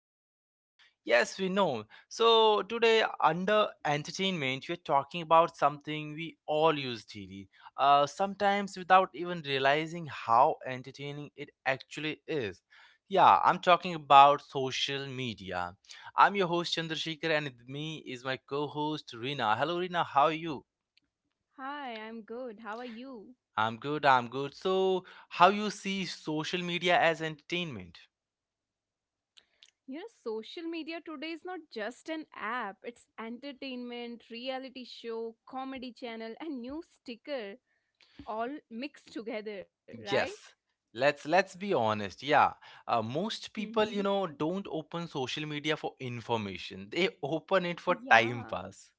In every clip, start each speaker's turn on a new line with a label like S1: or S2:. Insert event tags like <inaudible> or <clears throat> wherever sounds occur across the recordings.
S1: right now. Yes, we know. So, today, under entertainment, we're talking about something we all use daily, sometimes without even realizing how entertaining it actually is. Yeah, I'm talking about social media. I'm your host, Chandrasekhar, and with me is my co host, Rina. Hello, Rina. How are you?
S2: Hi, I'm good. How are you?
S1: I'm good, I'm good. So, how you see social media as entertainment?
S2: You know, social media today is not just an app, it's entertainment, reality show, comedy channel, and new sticker all mixed together, right?
S1: Yes. Let's be honest. Yeah. Most people,
S2: Mm-hmm.
S1: you know, don't open social media for information. They open it for time
S2: Yeah. <laughs>
S1: pass.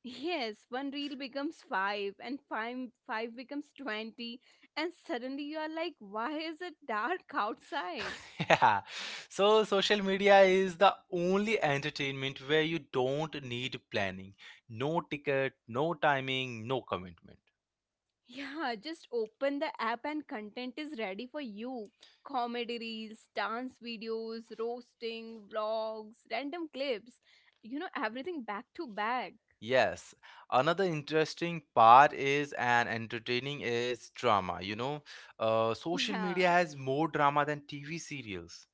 S2: Yes, one reel becomes five, and five becomes 20, and suddenly you are like, why is it dark <laughs> outside?
S1: <laughs> Yeah. So, social media is the only entertainment where you don't need planning. No ticket, no timing, no commitment.
S2: Yeah, just open the app and content is ready for you. Comedy reels, dance videos, roasting, vlogs, random clips, you know, everything back to back.
S1: Yes. Another interesting part is and entertaining is drama. You know, social
S2: Yeah.
S1: media has more drama than TV serials.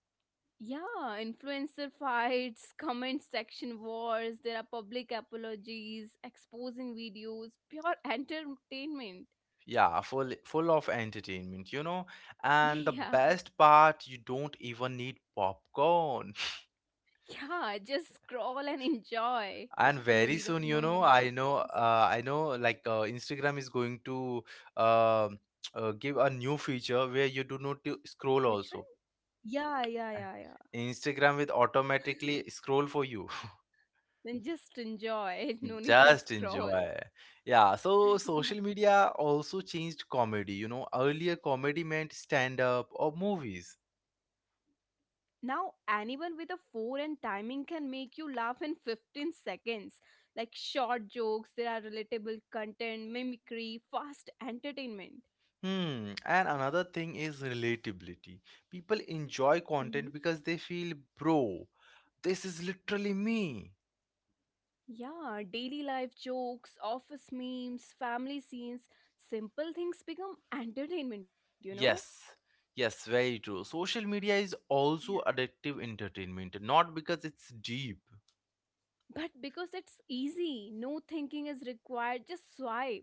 S2: Yeah, influencer fights, comment section wars, there are public apologies, exposing videos, pure entertainment. <laughs>
S1: Yeah, full of entertainment, you know. And
S2: Yeah.
S1: the best part, you don't even need popcorn. <laughs>
S2: Yeah, just scroll and enjoy.
S1: And
S2: No
S1: very
S2: need of,
S1: soon,
S2: no
S1: you
S2: need
S1: know,
S2: of
S1: I know,
S2: popcorns.
S1: uh, I know, like Instagram is going to uh, <tsk> give a new feature where you do not to
S2: Which
S1: scroll
S2: one?
S1: also.
S2: Yeah, yeah, yeah,
S1: Eh,
S2: yeah.
S1: Instagram will automatically scroll for you.
S2: Then just enjoy. <laughs> No need to
S1: Just
S2: scroll.
S1: enjoy. Yeah, so
S2: <laughs> Yeah.
S1: social media also changed comedy. You know, earlier comedy meant stand up or movies.
S2: Now, anyone with a 4 and timing can make you laugh in 15 seconds. Like short jokes, there are relatable content, mimicry, fast entertainment.
S1: Hmm, and another thing is relatability. People enjoy
S2: Hmm.
S1: content because they feel, bro, this is literally me.
S2: Yeah, daily life jokes, office memes, family scenes, simple things become entertainment, you know?
S1: Yes, yes, very true. Social media is
S2: Yeah.
S1: also addictive entertainment, not because it's deep.
S2: But because it's easy, no thinking is required, just swipe.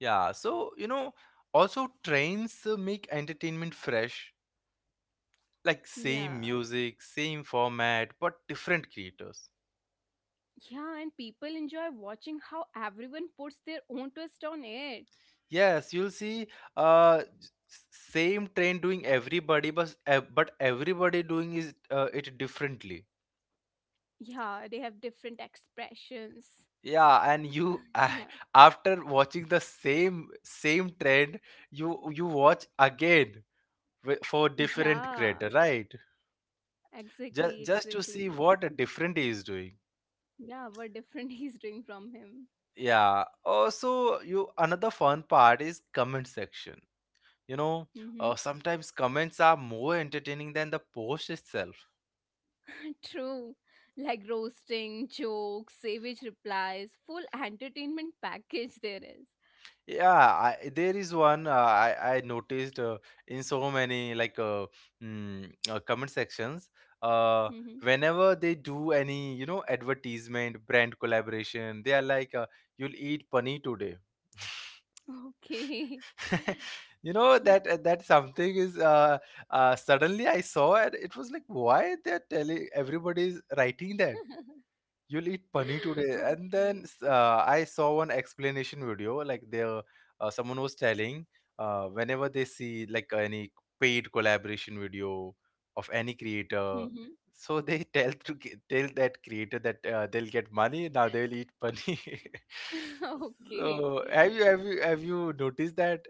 S1: Yeah, so, you know, also trends make entertainment fresh, like
S2: Yeah.
S1: same music, same format, but different creators.
S2: Yeah, and people enjoy watching how everyone puts their own twist on it.
S1: Yes, you'll see same trend doing everybody, but but everybody doing is it differently.
S2: Yeah, they have different expressions.
S1: Yeah, and you
S2: Yeah.
S1: <laughs> after watching the same trend, you watch again for different
S2: Yeah,
S1: creator, right?
S2: exactly,
S1: Just to see
S2: exactly.
S1: what a different is doing.
S2: Yeah, what different <laughs> he's doing from him.
S1: Yeah. Also, you another fun part is comment section. You know,
S2: Mm-hmm.
S1: sometimes comments are more entertaining than the post itself.
S2: True. Like roasting, jokes, savage replies, full entertainment package there is.
S1: Yeah, there is one I noticed, in so many, like comment sections. Uh,
S2: Mm-hmm.
S1: Whenever they do any, you know, advertisement, brand collaboration, they are like, "You'll eat paneer today."
S2: Okay.
S1: <laughs> You know that, that something is, suddenly I saw it. It was like, why they're telling, everybody's writing that?
S2: <laughs>
S1: You'll eat paneer today, and
S2: okay.
S1: then I saw one explanation video, like there, someone was telling, whenever they see, like, any paid collaboration video of any creator,
S2: Mm-hmm.
S1: so they <laughs> tell to tell that creator that, they'll get money, now they'll eat paneer.
S2: <laughs>
S1: <laughs>
S2: okay.
S1: So have you noticed that?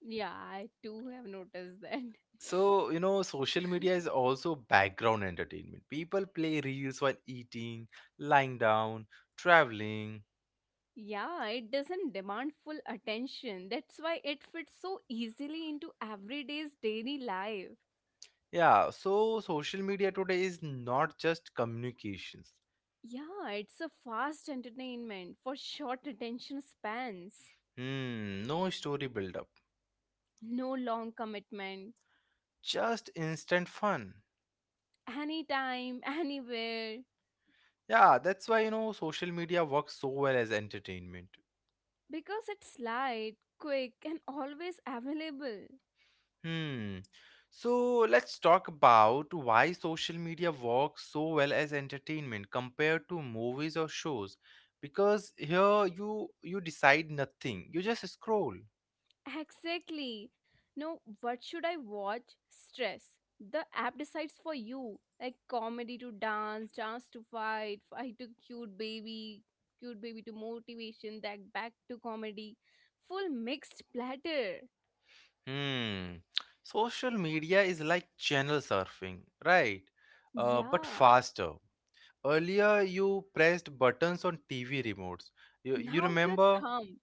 S2: Yeah, I too have noticed that. <laughs>
S1: So, you know, social media is also background entertainment. People play reels while eating, lying down, traveling.
S2: Yeah, it doesn't demand full attention. That's why it fits so easily into everyday's daily life.
S1: Yeah, so social media today is not just communications.
S2: Yeah, it's a fast entertainment for short attention spans.
S1: Hmm, no story build up,
S2: No long commitment.
S1: just instant fun.
S2: Anytime, anywhere.
S1: Yeah, that's why, you know, social media works so well as entertainment.
S2: Because it's light, quick, and always available.
S1: Hmm. So let's talk about why social media works so well as entertainment compared to movies or shows, because here you decide nothing. You just scroll.
S2: Exactly. No, what should I watch? Stress. The app decides for you. Like comedy to dance, dance to fight, fight to cute baby to motivation, that back to comedy. Full mixed platter.
S1: Hmm. Social media is like channel surfing, right? But
S2: Yeah.
S1: faster. Earlier, you pressed buttons on TV remotes. You
S2: Now your
S1: remember?
S2: thumb.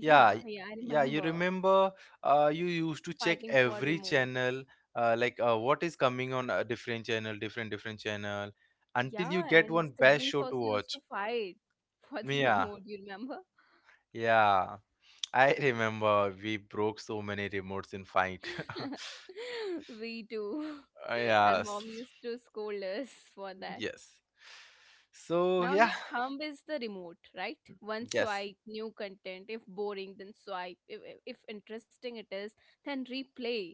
S1: Yeah, y-
S2: yeah, I
S1: yeah, you
S2: remember.
S1: remember, you used to check
S2: Fighting for
S1: every
S2: remote.
S1: channel, like what is coming on a different channel, different channel, until you
S2: Yeah,
S1: get
S2: and
S1: one best
S2: siblings
S1: show to
S2: also used
S1: watch.
S2: to fight <laughs> for the
S1: Yeah,
S2: remote, you remember?
S1: yeah. I remember we broke so many remotes in fight. <laughs>
S2: <laughs> We do. <laughs> And
S1: Yes.
S2: mom used to scold us for that.
S1: Yes. So
S2: Now
S1: yeah,
S2: your thumb is the remote, right? One
S1: yes.
S2: swipe, new content. If boring, then swipe. If interesting it is, then replay.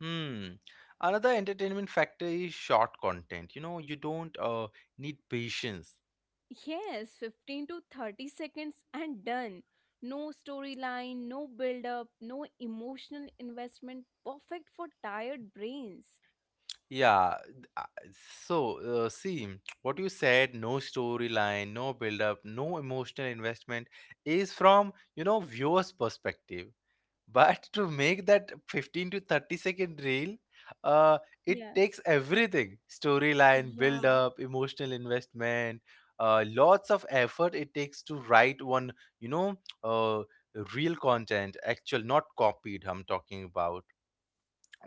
S1: Hmm. Another entertainment factor is short content. You know, you don't, need patience.
S2: Yes, 15 to 30 seconds and done. No storyline, no build up, no emotional investment. Perfect for tired brains.
S1: Yeah. So see, <tsk> what you said, no storyline, no build up, no emotional investment, is from, you know, viewer's perspective. But to make that 15 to 30 second reel, uh, it
S2: Yeah.
S1: takes everything: storyline, build
S2: Yeah,
S1: up, emotional investment, lots of effort it takes to write one, you know, uh, real content, actual, not copied, I'm talking about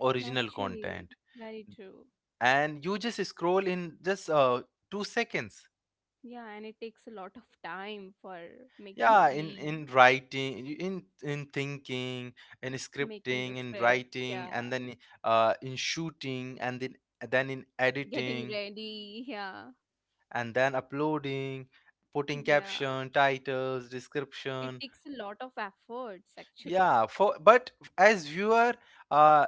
S1: original
S2: actually,
S1: content.
S2: very true.
S1: And you just scroll in just, 2 seconds.
S2: Yeah, and it takes a lot of time for making a
S1: Yeah, in
S2: re
S1: in writing, in thinking, in
S2: making the
S1: scripting, in
S2: script, yeah,
S1: writing, and then in shooting, and then in
S2: getting
S1: editing,
S2: ready, yeah,
S1: and then uploading, putting
S2: yeah.
S1: caption, titles,
S2: It
S1: description.
S2: takes a lot of efforts actually.
S1: Yeah, for, but as viewer, uh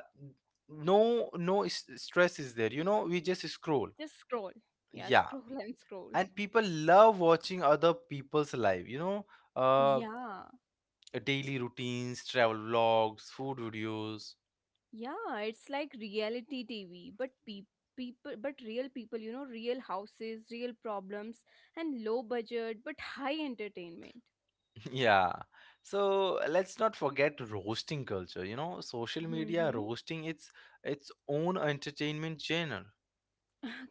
S1: no, stress is there, you know, we just scroll,
S2: Just scroll, yeah, <laughs>
S1: yeah.
S2: scroll and scroll.
S1: And people love watching other people's life, you know, uh
S2: Yeah,
S1: daily routines, travel vlogs, food videos.
S2: yeah, it's like reality TV, but pe people, but real people, you know, real houses, real problems, and low budget but high entertainment.
S1: Yeah. So let's not forget roasting culture. You know, social media
S2: Hmm.
S1: roasting, its own entertainment genre.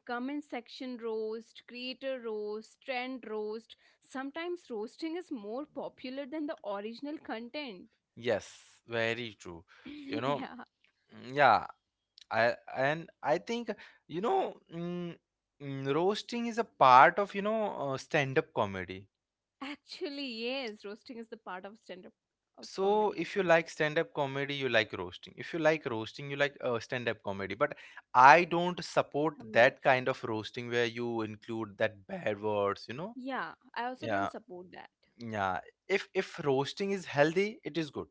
S2: Comment section roast, creator roast, trend roast. Sometimes roasting is more popular than the original content.
S1: Yes, very true. You know,
S2: <laughs> Yeah,
S1: mm, yeah. I think, you know, roasting is a part of, you know, stand-up comedy.
S2: actually, yes, roasting is the part of stand up of
S1: So
S2: comedy,
S1: if you like stand-up comedy, you like roasting. If you like roasting, you like stand-up comedy. But I don't support
S2: the
S1: that
S2: mutual.
S1: kind of roasting where you include that bad words. You know.
S2: Yeah, I also don't
S1: Yeah.
S2: support that.
S1: Yeah, if roasting is healthy, it is good.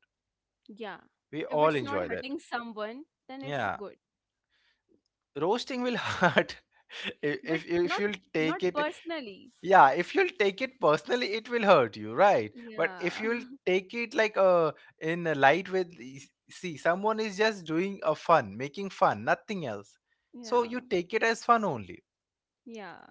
S2: Yeah,
S1: We
S2: if
S1: all
S2: it's not
S1: enjoy that.
S2: hurting someone, then it's
S1: Yeah,
S2: good,
S1: roasting will <laughs> hurt. If,
S2: but
S1: if if
S2: not
S1: you'll
S2: not
S1: take it,
S2: personally.
S1: yeah, if you'll take it personally, it will hurt you, right? But if
S2: Yeah,
S1: you'll take it like in a light with, see, someone is just doing a fun, making fun, nothing else.
S2: <laughs>
S1: So
S2: yeah,
S1: you take it as fun only.
S2: yeah,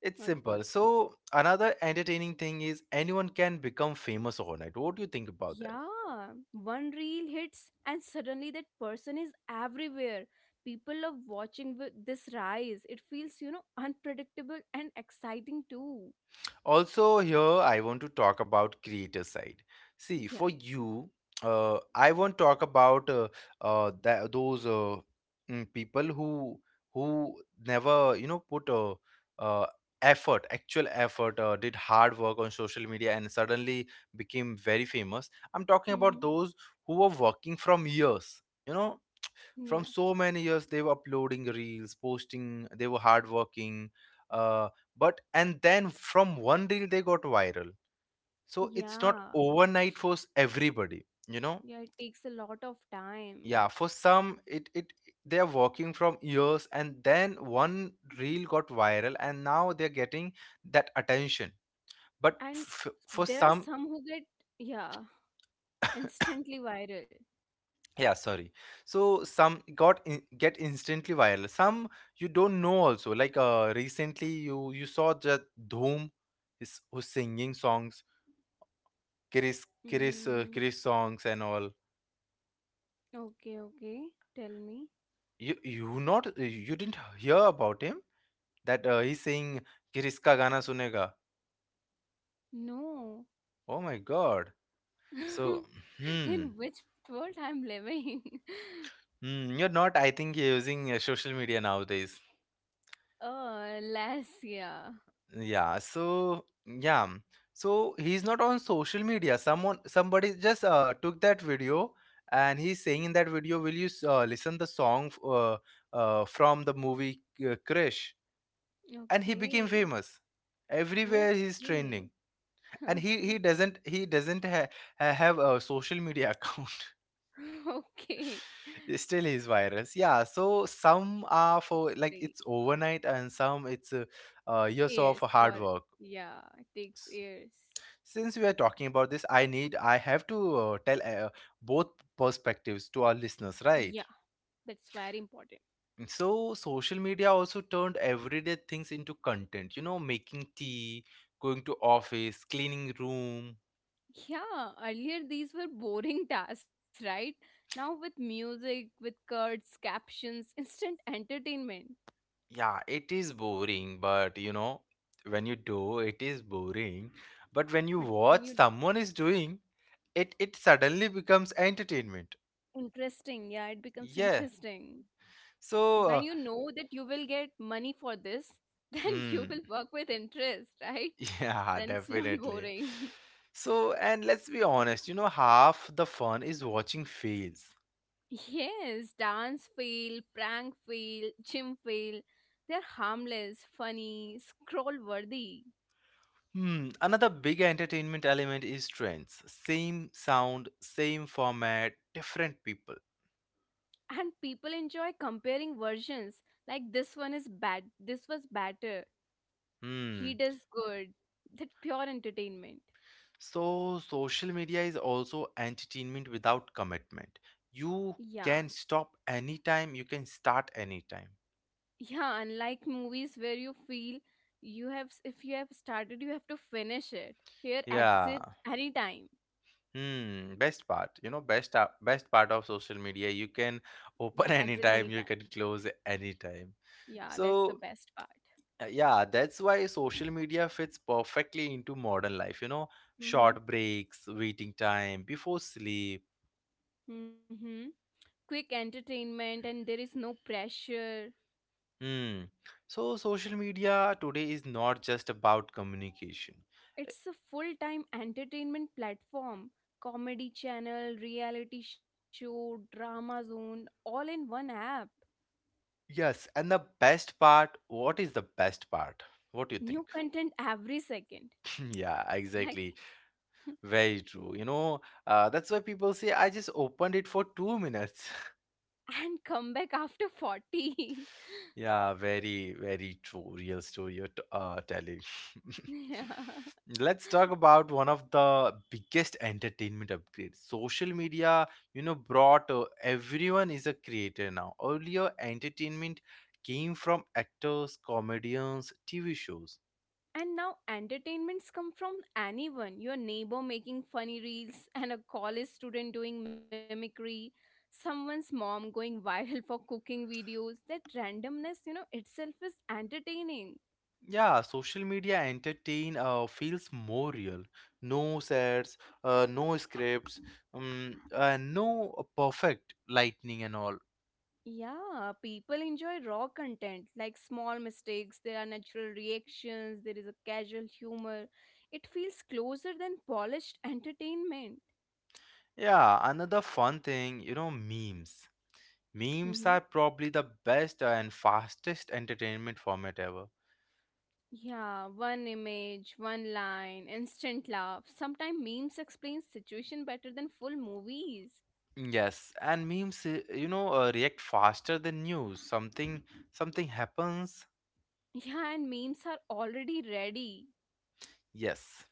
S1: It's
S2: not
S1: simple.
S2: personally.
S1: So another entertaining thing is anyone can become famous overnight. What do you think about that?
S2: Yeah, one reel hits, and suddenly that person is everywhere. People love watching this rise. It feels, you know, unpredictable and exciting too.
S1: Also, here I want to talk about creator side. See,
S2: Yeah.
S1: for you, I want to talk about that those, people who never, you know, put, uh, effort, actual effort, did hard work on social media and suddenly became very famous. I'm talking about
S2: Mm-hmm.
S1: those who were working from years, you know,
S2: Yeah.
S1: from so many years they were uploading reels, posting, they were hardworking, uh, but and then from one reel they got viral. So it's not
S2: Yeah.
S1: overnight for everybody, you know.
S2: Yeah. It takes a lot of time.
S1: Yeah, for some, it they are working from years, and then one reel got viral, and now they're getting that attention. But
S2: And
S1: for
S2: there are
S1: some,
S2: some who get, yeah, instantly viral.
S1: yeah, sorry, so some got in, get instantly viral. Some you don't know also, like recently you saw that dhoom is who's singing songs, chris chris uh,
S2: Mm,
S1: chris songs and all.
S2: okay. Okay. Tell me.
S1: You not, you didn't hear about him? That he's saying, "chris ka gana sunega"?
S2: No. <laughs>
S1: Oh my god. So hmm,
S2: In which world I'm living? <laughs>
S1: you're not, I think you're using social media nowadays.
S2: Oh, Lassia.
S1: Yeah, so yeah, so he's not on social media. Someone Somebody just took that video, and he's saying in that video, will you listen the song, from the movie, krish. And he became
S2: Okay.
S1: famous, everywhere he's trending.
S2: Okay.
S1: And he
S2: <laughs>
S1: he
S2: Okay.
S1: doesn't he doesn't ha- ha- have a social media account.
S2: <laughs> Okay.
S1: <laughs> Still he's virus, yeah. So some are
S2: That's
S1: for like
S2: great.
S1: it's overnight, and some it's, years of
S2: Years,
S1: hard
S2: what?
S1: work.
S2: Yeah, it takes years.
S1: Since we are talking about this, I have to tell, both perspectives to our listeners,
S2: Yeah,
S1: right?
S2: that's very important.
S1: So social media also turned everyday things into content, you know, making tea, going to office, cleaning room.
S2: Yeah, earlier these were boring <laughs> tasks, right? Now with music, with cards, captions, <laughs> instant entertainment.
S1: Yeah, it is boring but, you know, when you do it is boring, but when you
S2: But when
S1: watch
S2: you
S1: someone is doing it suddenly becomes entertainment.
S2: Interesting, yeah, it becomes
S1: Yeah.
S2: interesting. When
S1: So
S2: you
S1: uh,
S2: know that you will get money for this, <laughs> then you
S1: hmm.
S2: will work with interest, right?
S1: Yeah, <laughs>
S2: Then it's not
S1: definitely.
S2: boring.
S1: So, and let's be honest, you know, half the fun is watching fails.
S2: <laughs> Yes, dance fail, prank fail, gym fail, they're harmless, funny, scroll worthy
S1: Hmm, another big entertainment element is trends. Same sound, same format, different people.
S2: and people enjoy comparing versions, like this one is bad, this was better, he
S1: Hmm.
S2: does good, that pure entertainment.
S1: So, social media is also entertainment without commitment. You
S2: Yeah.
S1: can stop anytime, you can start anytime.
S2: Yeah, unlike movies where you feel if you have started, you have to finish it. Here,
S1: Yeah.
S2: exit anytime.
S1: Hmm, best part, you know, best part of social media, you can
S2: Yeah,
S1: open <laughs>
S2: exit
S1: anytime, you
S2: anytime.
S1: can close anytime.
S2: Yeah, that's
S1: So,
S2: the best part.
S1: yeah, that's why social media fits perfectly into modern life, you know, short
S2: Mm-hmm.
S1: breaks, waiting time, before sleep.
S2: Mm-hmm. Quick entertainment, and there is no pressure.
S1: Hmm. So, social media today is not just about communication. Uh,
S2: It's a full-time entertainment platform. Comedy channel, reality show, drama zone, all in one app.
S1: Yes, and the best part, what is the best part? What do you
S2: New
S1: think?
S2: content every second,
S1: <laughs> Yeah,
S2: right?
S1: exactly.
S2: <laughs>
S1: Very true. You know, that's why people say I just opened it for 2 minutes. <laughs>
S2: And come back after 40.
S1: Yeah, very, very true. Real story you're telling.
S2: <laughs> Yeah.
S1: <laughs> Let's talk about one of the biggest entertainment upgrades. Social media, you know, brought, everyone is a creator now. Earlier, entertainment came from actors, comedians, TV shows.
S2: And now entertainments come from anyone, your neighbor making funny reels, <laughs> and a college student doing mimicry, someone's mom going <laughs> viral for cooking videos. That randomness, you know, itself is entertaining.
S1: Yeah, social media entertain, feels more real. No sets, no scripts, no perfect lightning and all.
S2: Yeah, people enjoy raw content, like small mistakes, there are natural reactions, there is a casual humor. It feels closer than polished entertainment.
S1: Yeah, another fun thing, you know, memes.
S2: Mhm.
S1: Memes are probably the best and fastest entertainment format ever.
S2: Yeah, one image, one line, instant laugh. Sometimes memes explain situation better than full movies.
S1: Yes, and memes, you know, react faster than news. Something happens.
S2: Yeah, and memes are already ready.
S1: Yes,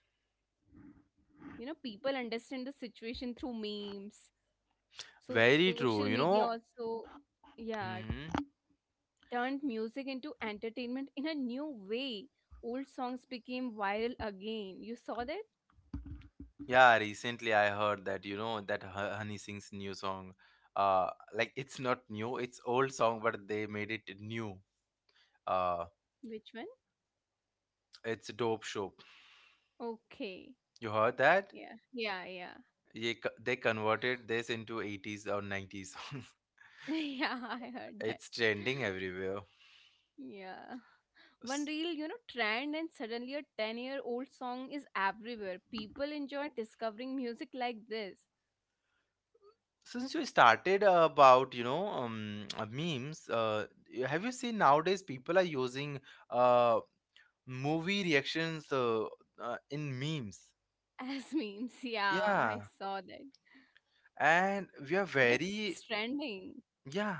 S2: You know, people understand the situation through memes.
S1: very
S2: Social
S1: true. You
S2: media
S1: know.
S2: also, yeah,
S1: Mhm.
S2: turned music into entertainment in a new way. Old songs became viral again. You saw that?
S1: Yeah, recently I heard that, you know, that Honey Singh's new song. Like it's not new, it's old song, but they made it new. Uh,
S2: Which one?
S1: it's Dope Shop.
S2: Okay.
S1: You heard that?
S2: Yeah, yeah, yeah.
S1: They converted this into 80s or 90s songs. <laughs>
S2: <laughs> Yeah, I heard that.
S1: It's trending everywhere.
S2: <laughs> Yeah. One
S1: S-
S2: real, you know, trend and suddenly a 10-year-old song is everywhere. People enjoy discovering music like this
S1: Since you started about memes, have you seen nowadays people are using uh movie reactions in memes?
S2: as <laughs> memes. Yeah, I
S1: Yeah,
S2: saw that.
S1: and we are
S2: That's
S1: very
S2: trending.
S1: yeah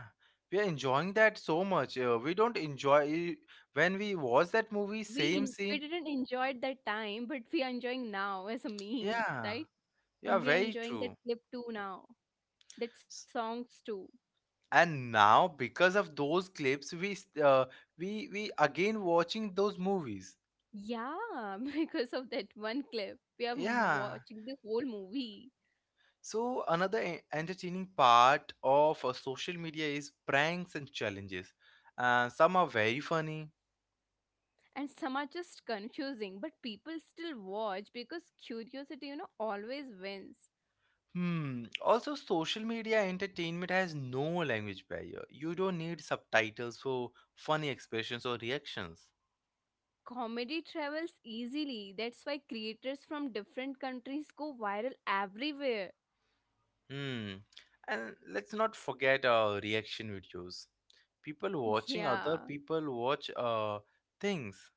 S1: we are enjoying that so much, we don't enjoy when we watch that movie same
S2: We
S1: scene,
S2: didn't enjoy it that time, but we are enjoying now as a meme,
S1: yeah,
S2: right?
S1: yeah,
S2: And we are
S1: very
S2: enjoying that
S1: true.
S2: clip too now. That
S1: S-
S2: songs too.
S1: and now because of those clips we s- we again watching those movies,
S2: Yeah, <laughs> because of that one clip, we are
S1: yeah.
S2: watching the whole movie.
S1: So another entertaining part of social media is pranks and challenges, some are very funny.
S2: And some are just confusing, but people still watch because curiosity, you know, always wins.
S1: Hmm. Also, social media entertainment has no language barrier. You don't need subtitles for funny expressions or reactions.
S2: Comedy travels easily, that's why creators from different countries go viral everywhere.
S1: Hmm. And let's not forget reaction videos. People
S2: <laughs>
S1: watching other
S2: Yeah,
S1: people watch things,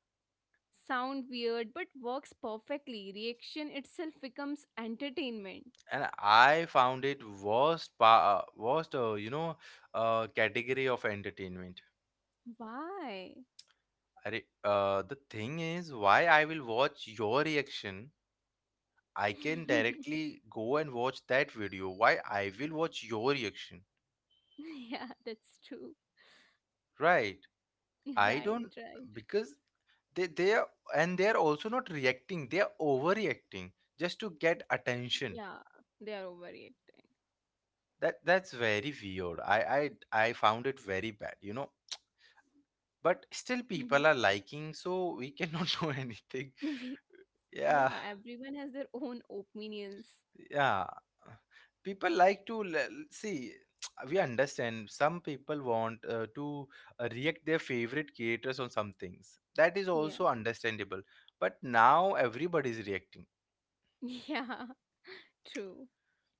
S2: sound weird but works perfectly, reaction itself becomes entertainment.
S1: and I found it worst, category of entertainment.
S2: Why?
S1: The thing is, why I will watch your reaction? I can
S2: <laughs>
S1: directly go and watch that video. Why I will watch your reaction,
S2: Yeah, that's true.
S1: right?
S2: <laughs>
S1: I
S2: Right,
S1: don't,
S2: right.
S1: because they are, and they are also not reacting. They are overreacting just to get attention.
S2: Yeah, they are overreacting.
S1: That's very weird. I found it very bad. You know, but still
S2: Mm-hmm.
S1: people are liking, so we cannot <laughs> do anything.
S2: <laughs>
S1: Yeah.
S2: Yeah, everyone has their own opinions.
S1: Yeah, people like to see. <tsk> We understand some people want, to react their favorite creators on some things, that is
S2: Yeah.
S1: also understandable, but now everybody is reacting.
S2: <laughs> Yeah, true.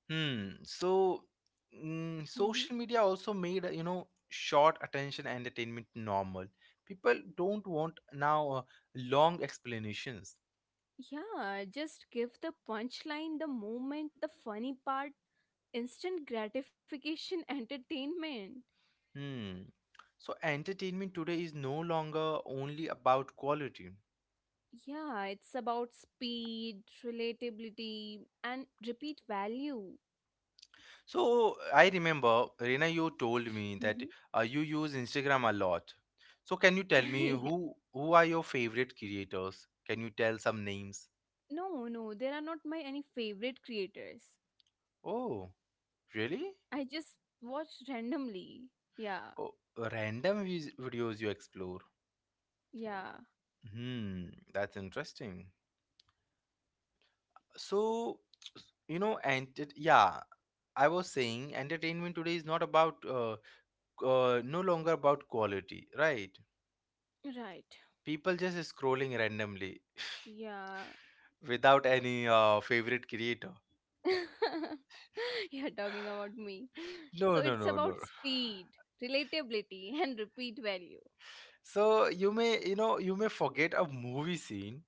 S1: Hmm. So
S2: Hmm.
S1: social media also made, you know, short attention entertainment normal. People don't want now long explanations.
S2: Yeah, just give the punchline, the moment, the funny part, instant gratification <laughs> entertainment.
S1: Hmm. So entertainment today is no longer only about quality.
S2: Yeah, it's about speed, relatability, and repeat value.
S1: So I remember, Reena, you told me
S2: Hmm.
S1: that you use Instagram a lot. So can you
S2: <laughs>
S1: tell me
S2: Yeah.
S1: who are your favorite creators? Can you tell some names?
S2: No, no, there are not my any favorite creators.
S1: Oh, really?
S2: I just watch randomly. Yeah,
S1: Oh, random videos you explore.
S2: yeah,
S1: Hmm, that's interesting. So, you know, I was saying entertainment today is not about no longer about quality, right?
S2: right.
S1: People just scrolling randomly
S2: Yeah,
S1: without any favorite creator.
S2: <laughs> you're talking about me.
S1: No,
S2: So
S1: no,
S2: it's
S1: no, no.
S2: about speed, relatability, and repeat value.
S1: So you may, you know, you may forget a movie scene.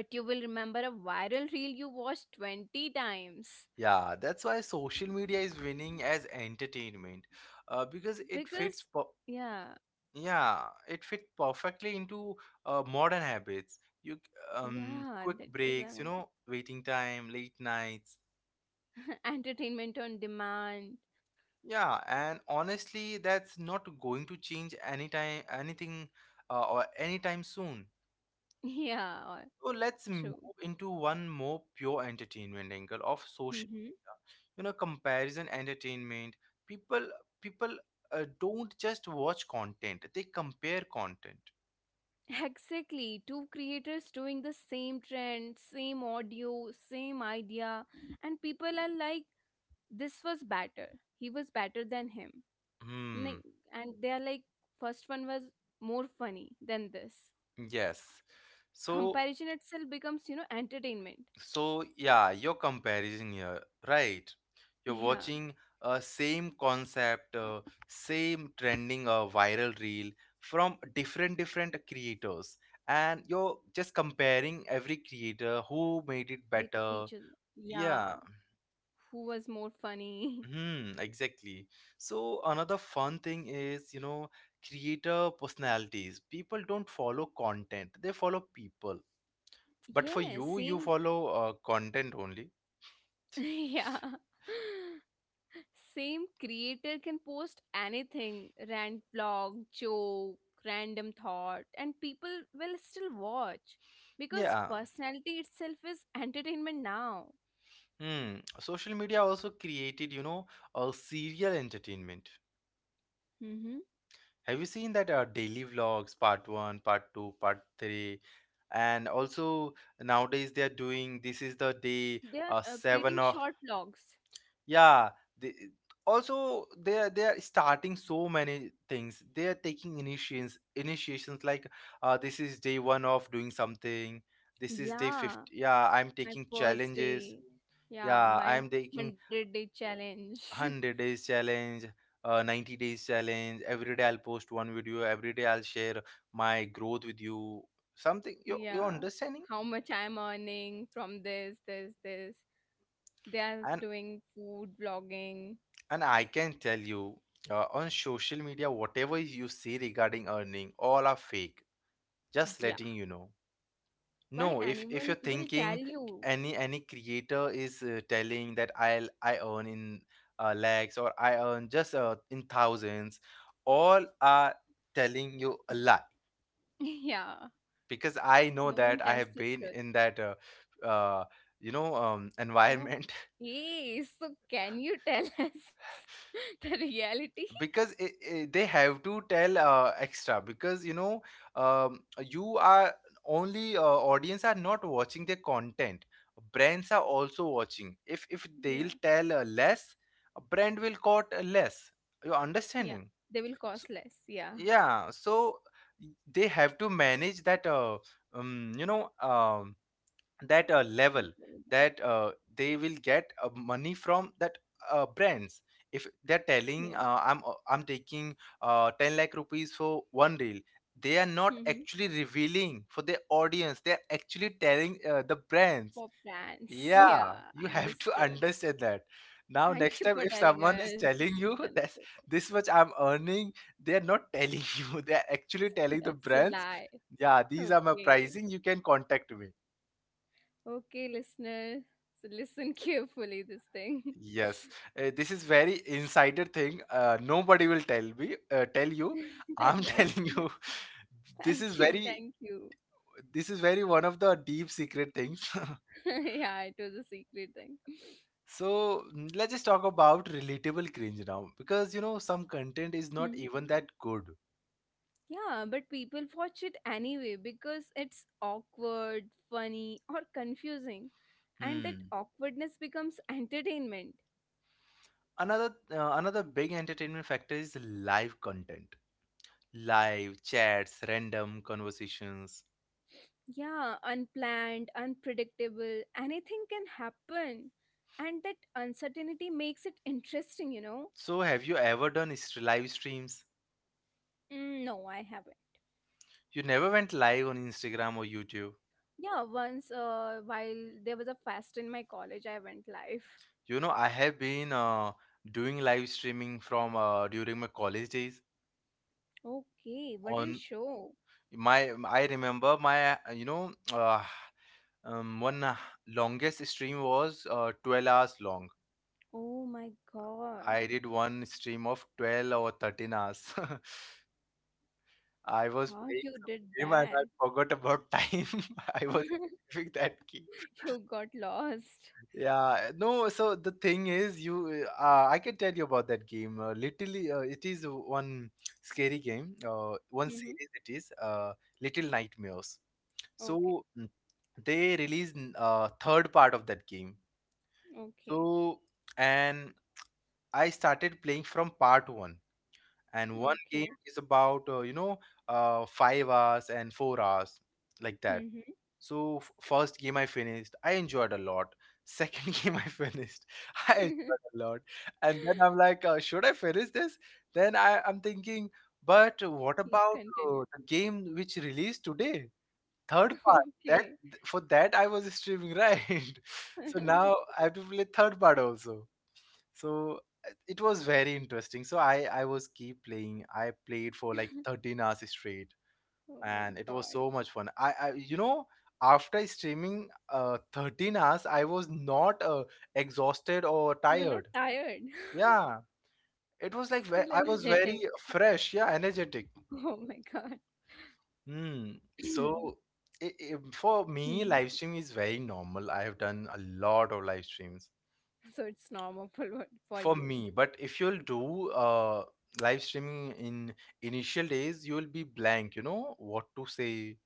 S2: But you will remember a viral reel you watched 20 times.
S1: Yeah, that's why social media is winning as entertainment, because it
S2: Because,
S1: fits.
S2: yeah,
S1: It fits perfectly into modern habits. You
S2: yeah,
S1: Quick
S2: that was
S1: breaks,
S2: I
S1: you know,
S2: wanted.
S1: waiting time, late nights.
S2: <laughs> Entertainment on demand. <laughs>
S1: Yeah, and honestly, that's not going to change anytime, anything, or anytime soon.
S2: Yeah,
S1: So let's move
S2: true.
S1: into one more pure entertainment angle of social
S2: Mm-hmm.
S1: media. You know, comparison entertainment. People people don't just watch content; they compare content.
S2: Exactly. Two creators doing the same trend, same audio, same idea, and people are like, this was better. He was better than him. Like,
S1: Hmm.
S2: and they are like, first one was more funny than this.
S1: Yes. So
S2: Comparison itself becomes, you know, entertainment.
S1: So yeah, you're comparison here, right? You're
S2: Yeah,
S1: watching a same concept, same trending, viral reel from different creators, and you're just comparing every creator who made it
S2: with
S1: better.
S2: each other. Yeah,
S1: Yeah,
S2: who was more funny?
S1: hmm, exactly. So another fun thing is, you know, creator personalities. People don't follow content; they follow people.
S2: <laughs>
S1: But for
S2: Yeah,
S1: you, you
S2: same.
S1: follow content only.
S2: <laughs> Yeah. <laughs> Same creator can post anything, rant vlog, joke, random thought, and people will still watch because
S1: Yeah.
S2: personality itself is entertainment now.
S1: Hmm. Social media also created, you know, a serial entertainment.
S2: Mm-hmm.
S1: Have you seen that daily vlogs, part one, part two, part three? And also nowadays they are doing this is the day
S2: They are
S1: seven
S2: creating
S1: of,
S2: short vlogs.
S1: yeah. They, Also they are starting so many things. They are taking initiations like, this is day one of doing something. This is day 50.
S2: Yeah,
S1: Yeah, I'm taking
S2: my first
S1: challenges.
S2: day.
S1: Yeah,
S2: Yeah,
S1: I'm
S2: my
S1: taking
S2: 100-day challenge. <laughs>
S1: 100 days challenge, 90 days challenge, every day I'll post one video, every day I'll share my growth with you, something, you're
S2: Yeah,
S1: understanding.
S2: how much I'm earning from this, this, this. They are
S1: and
S2: doing food vlogging.
S1: and I can tell you, on social media whatever you see regarding earning, all are fake, just
S2: Yeah,
S1: letting you know.
S2: why
S1: No, if if
S2: anyone
S1: you're
S2: will tell
S1: thinking
S2: you?
S1: any creator is telling that I earn in lakhs, or I earn just in thousands, all are telling you a lie,
S2: <laughs> Yeah,
S1: because I know
S2: no
S1: that
S2: one
S1: I
S2: tells
S1: have
S2: the
S1: been
S2: truth.
S1: in that uh, you know, environment.
S2: Okay, so can you tell <laughs> us the reality? <laughs>
S1: <laughs> Because they have to tell extra, because you know, you are only, audience are not watching the content, brands are also watching. If they'll
S2: Yeah,
S1: tell less, a brand will quote less, you're
S2: yeah,
S1: understanding.
S2: they will cost
S1: So,
S2: less. Yeah,
S1: yeah, so they have to manage that, you know, that level, that they will get money from that brands. If they're
S2: yeah.
S1: telling, I'm taking 10 lakh rupees for one reel, they are not
S2: <laughs>
S1: actually revealing for their audience, they're actually telling the
S2: For
S1: brands.
S2: plants. <laughs>
S1: Yeah,
S2: Yeah, I
S1: you have to <laughs>
S2: understood.
S1: understand that. Now
S2: Thank
S1: next
S2: you
S1: time,
S2: for
S1: if
S2: telling
S1: someone is
S2: us,
S1: telling you <laughs>
S2: Chandrika.
S1: that this much I'm earning, they're not telling <laughs> you, they're actually
S2: <laughs>
S1: telling the
S2: That's a
S1: brands.
S2: lie. <laughs>
S1: Yeah, these are my
S2: Okay.
S1: pricing, you can contact me.
S2: Okay, listener. So listen <laughs> carefully this thing.
S1: Yes, this is very insider thing. Nobody will tell me, tell you.
S2: <laughs> That
S1: I'm <laughs>
S2: was yeah.
S1: telling you, this
S2: Thank
S1: is
S2: you,
S1: very,
S2: thank you.
S1: this is very one of the deep secret things. <laughs>
S2: <laughs> Yeah, it was a secret thing.
S1: So let's just talk about relatable cringe now, because you know some content is
S2: Mhm.
S1: not even that good.
S2: Yeah, but people watch it anyway because it's awkward, funny, or confusing. And that
S1: Hmm.
S2: awkwardness becomes entertainment.
S1: Another big entertainment factor is live content, live chats, random conversations.
S2: Yeah, unplanned, unpredictable, anything can happen. And that uncertainty makes it interesting, you know?
S1: So have you ever done live streams?
S2: Mm, no, I haven't.
S1: You never went live on Instagram or YouTube?
S2: Yeah, once while there was a fest in my college, I went live.
S1: You know, I have been, doing live streaming from, during my college days.
S2: Okay, what do you
S1: On
S2: show?
S1: my, I remember my, one longest stream was 12 hours long.
S2: Oh my
S1: I
S2: god,
S1: did one stream of 12 or 13 hours. <laughs> I was
S2: how
S1: playing
S2: you did
S1: some game and I
S2: that?
S1: forgot about time. <laughs> I was
S2: <laughs>
S1: doing that.
S2: You got lost.
S1: Yeah, no, so the thing is, I can tell you about that game. Literally, it is one scary game, one
S2: Mm-hmm.
S1: series it is, Little Nightmares.
S2: Okay,
S1: So they released third part of that game.
S2: okay,
S1: So, and I started playing from part one. And one
S2: okay.
S1: game is about, you know, 5 hours and 4 hours, like that.
S2: Mm-hmm.
S1: So first game I finished, I enjoyed a lot. Second <laughs> game I finished, <laughs> I enjoyed
S2: <laughs>
S1: a lot. And then I'm like, should I finish this? I'm thinking, but what
S2: Keep
S1: about
S2: continue.
S1: the game which released today? Third
S2: <laughs>
S1: part. That
S2: Okay.
S1: for that I was streaming, right? <laughs> So now I have to play third part also. So it was very interesting. So I was keep playing. I played for like
S2: <laughs>
S1: 13 hours straight,
S2: Oh my
S1: and it was
S2: god.
S1: so much fun. I You know, after streaming 13 hours, I was not exhausted or
S2: You are
S1: tired.
S2: not tired. <laughs>
S1: Yeah, it was like
S2: Still
S1: I was
S2: energetic.
S1: very fresh, yeah, energetic.
S2: Oh my god.
S1: Hmm. So
S2: <clears throat>
S1: I for me,
S2: Mhm.
S1: live stream is very normal. I have done a lot of live streams
S2: So it's normal for what- for
S1: for
S2: you.
S1: me. But if you'll do live streaming in initial days, you'll be blank, you know, what to say,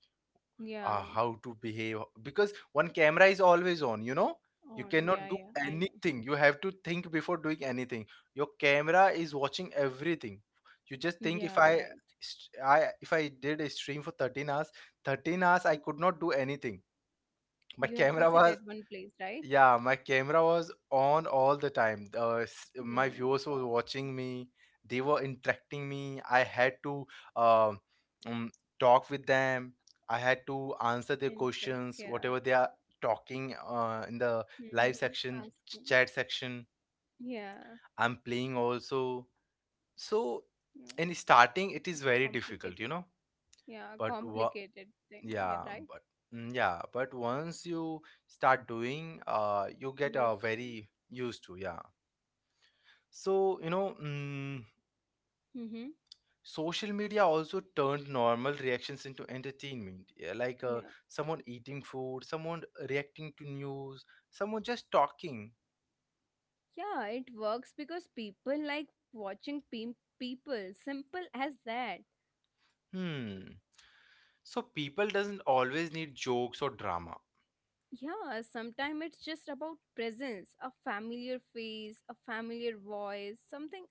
S2: Yeah.
S1: how to behave, because one camera is always on, you know. You
S2: On. Yeah,
S1: cannot do
S2: yeah. I know.
S1: anything, you have to think before doing anything. Your camera is watching everything, you just think if
S2: Yeah,
S1: I
S2: right.
S1: st- I if I did a stream for 13 hours, 13 hours I could not do anything. My <laughs>
S2: You have to
S1: camera
S2: sit at
S1: was,
S2: one place, right?
S1: yeah, my camera was on all the time.
S2: Oh
S1: My
S2: my
S1: viewers were
S2: god.
S1: watching me. They were interacting me. I had to, uh, um, talk with them. I had to answer their
S2: Interact.
S1: questions,
S2: Yeah.
S1: whatever they are talking in the live
S2: Mm-hmm.
S1: section,
S2: Asking.
S1: chat section.
S2: Yeah.
S1: I'm playing also. So
S2: No.
S1: in starting, it
S2: It's
S1: is very
S2: complicated.
S1: difficult, you know.
S2: Yeah,
S1: But wa-
S2: complicated thing. Yeah,
S1: yeah,
S2: right.
S1: but mm, yeah, but once you start doing, you get
S2: Used to.
S1: very used to, yeah. So, you know, mm,
S2: Mm-hmm.
S1: social media also turned normal reactions into entertainment. Yeah, like
S2: Yeah.
S1: someone eating food, someone reacting to news, someone just talking.
S2: Yeah, it works because people like watching people, simple as that.
S1: Hmm. So people doesn't always need jokes or drama.
S2: Yeah, sometimes it's just about presence, a familiar face, a familiar voice, something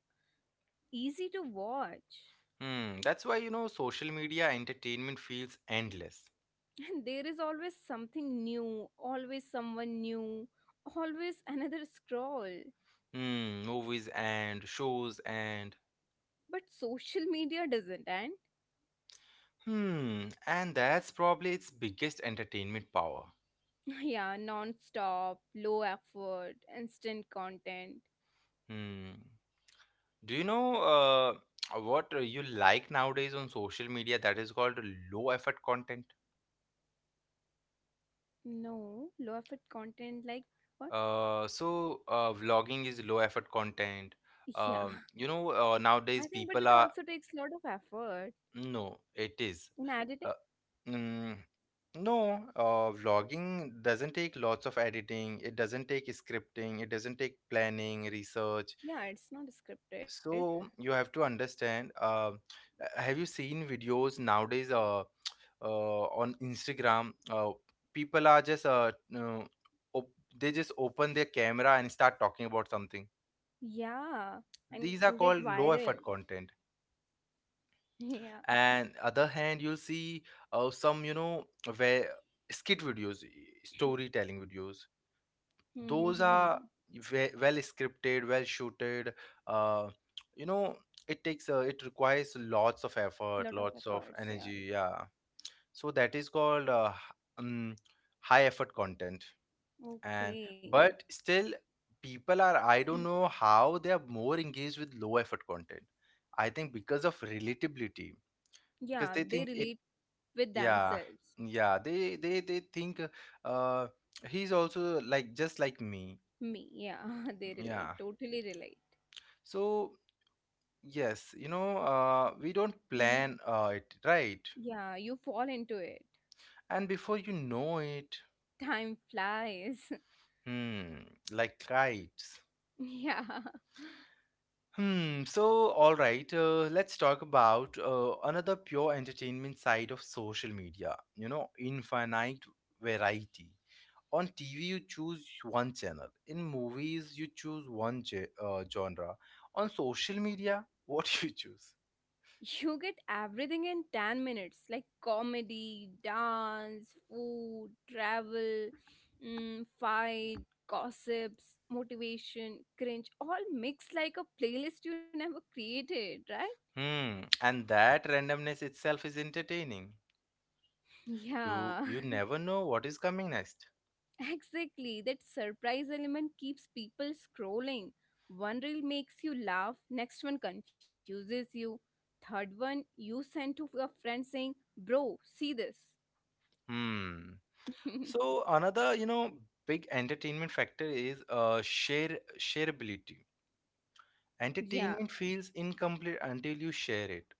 S2: easy to watch.
S1: Hmm. That's why, you know, social media entertainment feels endless.
S2: <laughs> And there is always something new, always someone new, always another scroll.
S1: Hmm. Movies and shows and,
S2: But social media doesn't, and
S1: hmm, and that's probably its biggest entertainment power.
S2: <laughs> yeah, non stop, low effort, instant content.
S1: Hmm. Do you know what you like nowadays on social media that is called low effort content?
S2: No, low effort content like what?
S1: Vlogging is low effort content.
S2: <laughs> Yeah,
S1: You know,
S2: I think,
S1: nowadays
S2: but it
S1: people
S2: also
S1: are,
S2: takes a lot of effort
S1: no, it is.
S2: in editing.
S1: Uh, mm, no, vlogging doesn't take lots of editing. It doesn't take scripting. It doesn't take planning, research.
S2: Yeah, it's not scripted.
S1: So you have to understand. Have you seen videos nowadays? On Instagram, people are just, op- they just open their camera and start talking about something.
S2: Yeah, and
S1: These
S2: get
S1: are called
S2: viral.
S1: low
S2: <laughs>
S1: effort content.
S2: Yeah.
S1: And other hand, you'll see some, you know, where skit videos, storytelling videos. Those are
S2: Mm-hmm.
S1: well scripted, well shooted, uh, you know, it takes it requires lots of
S2: Lot of
S1: effort, lots
S2: efforts.
S1: of
S2: Yeah,
S1: energy, yeah. So that is called um, high effort content. And
S2: okay.
S1: but still people are, I don't
S2: <clears throat>
S1: know how they are more engaged with low effort content. I think because of relatability,
S2: Yeah,
S1: because they
S2: they
S1: think
S2: relate
S1: it
S2: with
S1: Yeah,
S2: themselves.
S1: yeah, they they think, uh he's also like, just like me.
S2: Me, yeah, <laughs> they relate.
S1: Yeah.
S2: Totally relate.
S1: So yes, you know, we don't
S2: Hmm.
S1: plan it, right?
S2: Yeah, you fall into it.
S1: And before you know it,
S2: Time flies. <laughs>
S1: hmm, like kites.
S2: Yeah.
S1: Hmm, so all right, let's talk about another pure entertainment side of social media. You know, infinite variety. On TV, you choose one channel. In movies, you choose one genre. On social media, what <laughs> you choose?
S2: You get everything in 10 minutes like comedy, dance, food, travel, fight, gossips, motivation, cringe, all mixed like a playlist you never created, right?
S1: Hmm, and that randomness itself is entertaining. You
S2: Yeah,
S1: you never know what is coming next.
S2: <laughs> exactly. That surprise element keeps people scrolling. One reel makes you laugh, next one confuses you, third one you send to your friend saying, "Bro, see this."
S1: Hmm. So another, you know, big entertainment factor is shareability.
S2: <laughs> Yeah.
S1: Entertainment feels incomplete until you share it.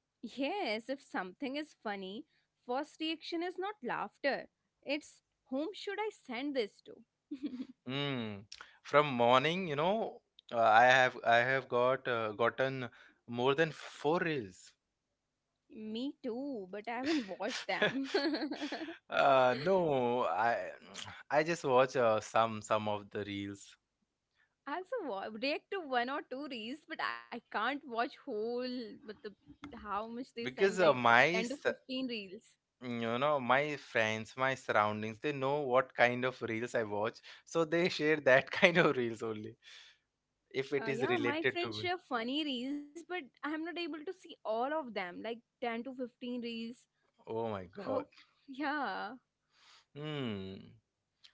S2: Yes, if something is funny, first reaction is not laughter. It's whom should I send this to? <laughs>
S1: Mm. From morning, you know, I have gotten more than four reels.
S2: Me too, but I haven't watched them.
S1: <laughs>
S2: <laughs>
S1: No, I <tsk> I just watch some of the reels
S2: I also react to one or two reels, but I can't watch whole. But the how much they send,
S1: because
S2: like
S1: my,
S2: 10 to 15 reels.
S1: you know, my friends, my surroundings, they know what kind of reels I watch, so they share that <laughs> kind of reels only if it is
S2: Yeah, my
S1: related to
S2: friends
S1: me.
S2: share funny reels, but I'm not able to see all of them, like 10 to 15 reels.
S1: Oh my
S2: How?
S1: god.
S2: Yeah.
S1: Hmm.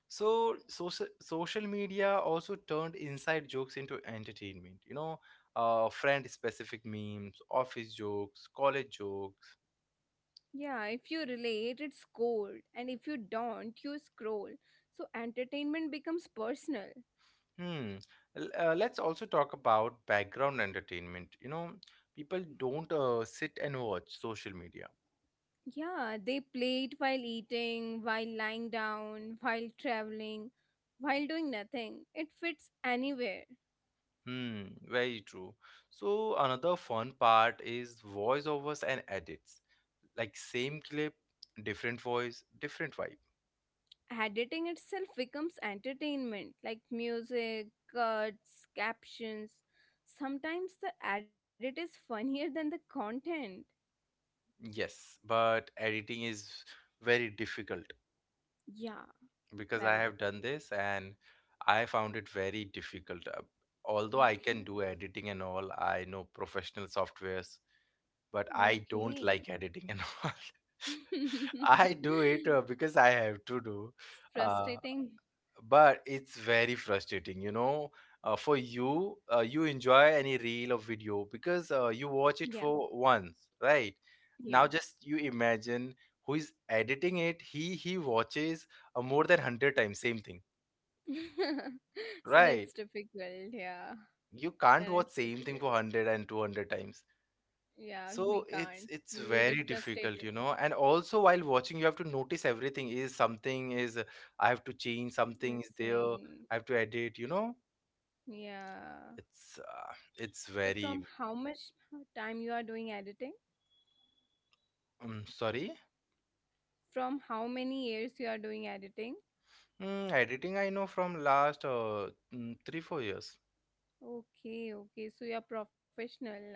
S1: So social media also turned inside jokes into entertainment, you know, friend specific memes, office jokes, college jokes.
S2: Yeah, if you relate, it's cold, and if you don't, you scroll. So entertainment becomes personal.
S1: Hmm. Let's also talk about background entertainment, you know, people don't sit and watch social media.
S2: Yeah, they play it while eating, while lying down, while traveling, while doing nothing. It fits anywhere.
S1: Hmm, very true. So another fun part is voiceovers and edits. Like same clip, different voice, different vibe.
S2: Editing itself becomes entertainment, like music, cuts, captions. Sometimes the edit is funnier than the content.
S1: Yes, but editing is very difficult
S2: Yeah,
S1: because
S2: very
S1: I have
S2: difficult.
S1: done this, and I found it very difficult. Although I can
S2: Okay,
S1: do editing and all, I know professional softwares, but I don't
S2: okay.
S1: like editing and all. <laughs> I do it
S2: <laughs>
S1: because I have to do.
S2: It's
S1: Uh,
S2: frustrating.
S1: but it's very frustrating, you know, for you, you enjoy any reel or video because you
S2: Yeah,
S1: watch it for once, right?
S2: yeah.
S1: Now just you imagine, who is editing it, he watches, more than 100 times same thing,
S2: <laughs> So
S1: right?
S2: that's difficult. Yeah,
S1: You can't
S2: then
S1: watch
S2: it's
S1: same thing
S2: difficult.
S1: for hundred and two hundred times.
S2: Yeah, we
S1: So
S2: can't.
S1: it's
S2: We will get
S1: very
S2: frustrated.
S1: difficult, you know. And also while watching you have to notice everything, is something is, I have to change, something is there
S2: Missing.
S1: I have to edit, you know.
S2: Yeah.
S1: It's
S2: So from
S1: very
S2: how much time you are doing editing?
S1: sorry.
S2: From how many years you are doing editing?
S1: Mm, editing I know from last 3 4 years.
S2: Okay, okay. So you are professional now.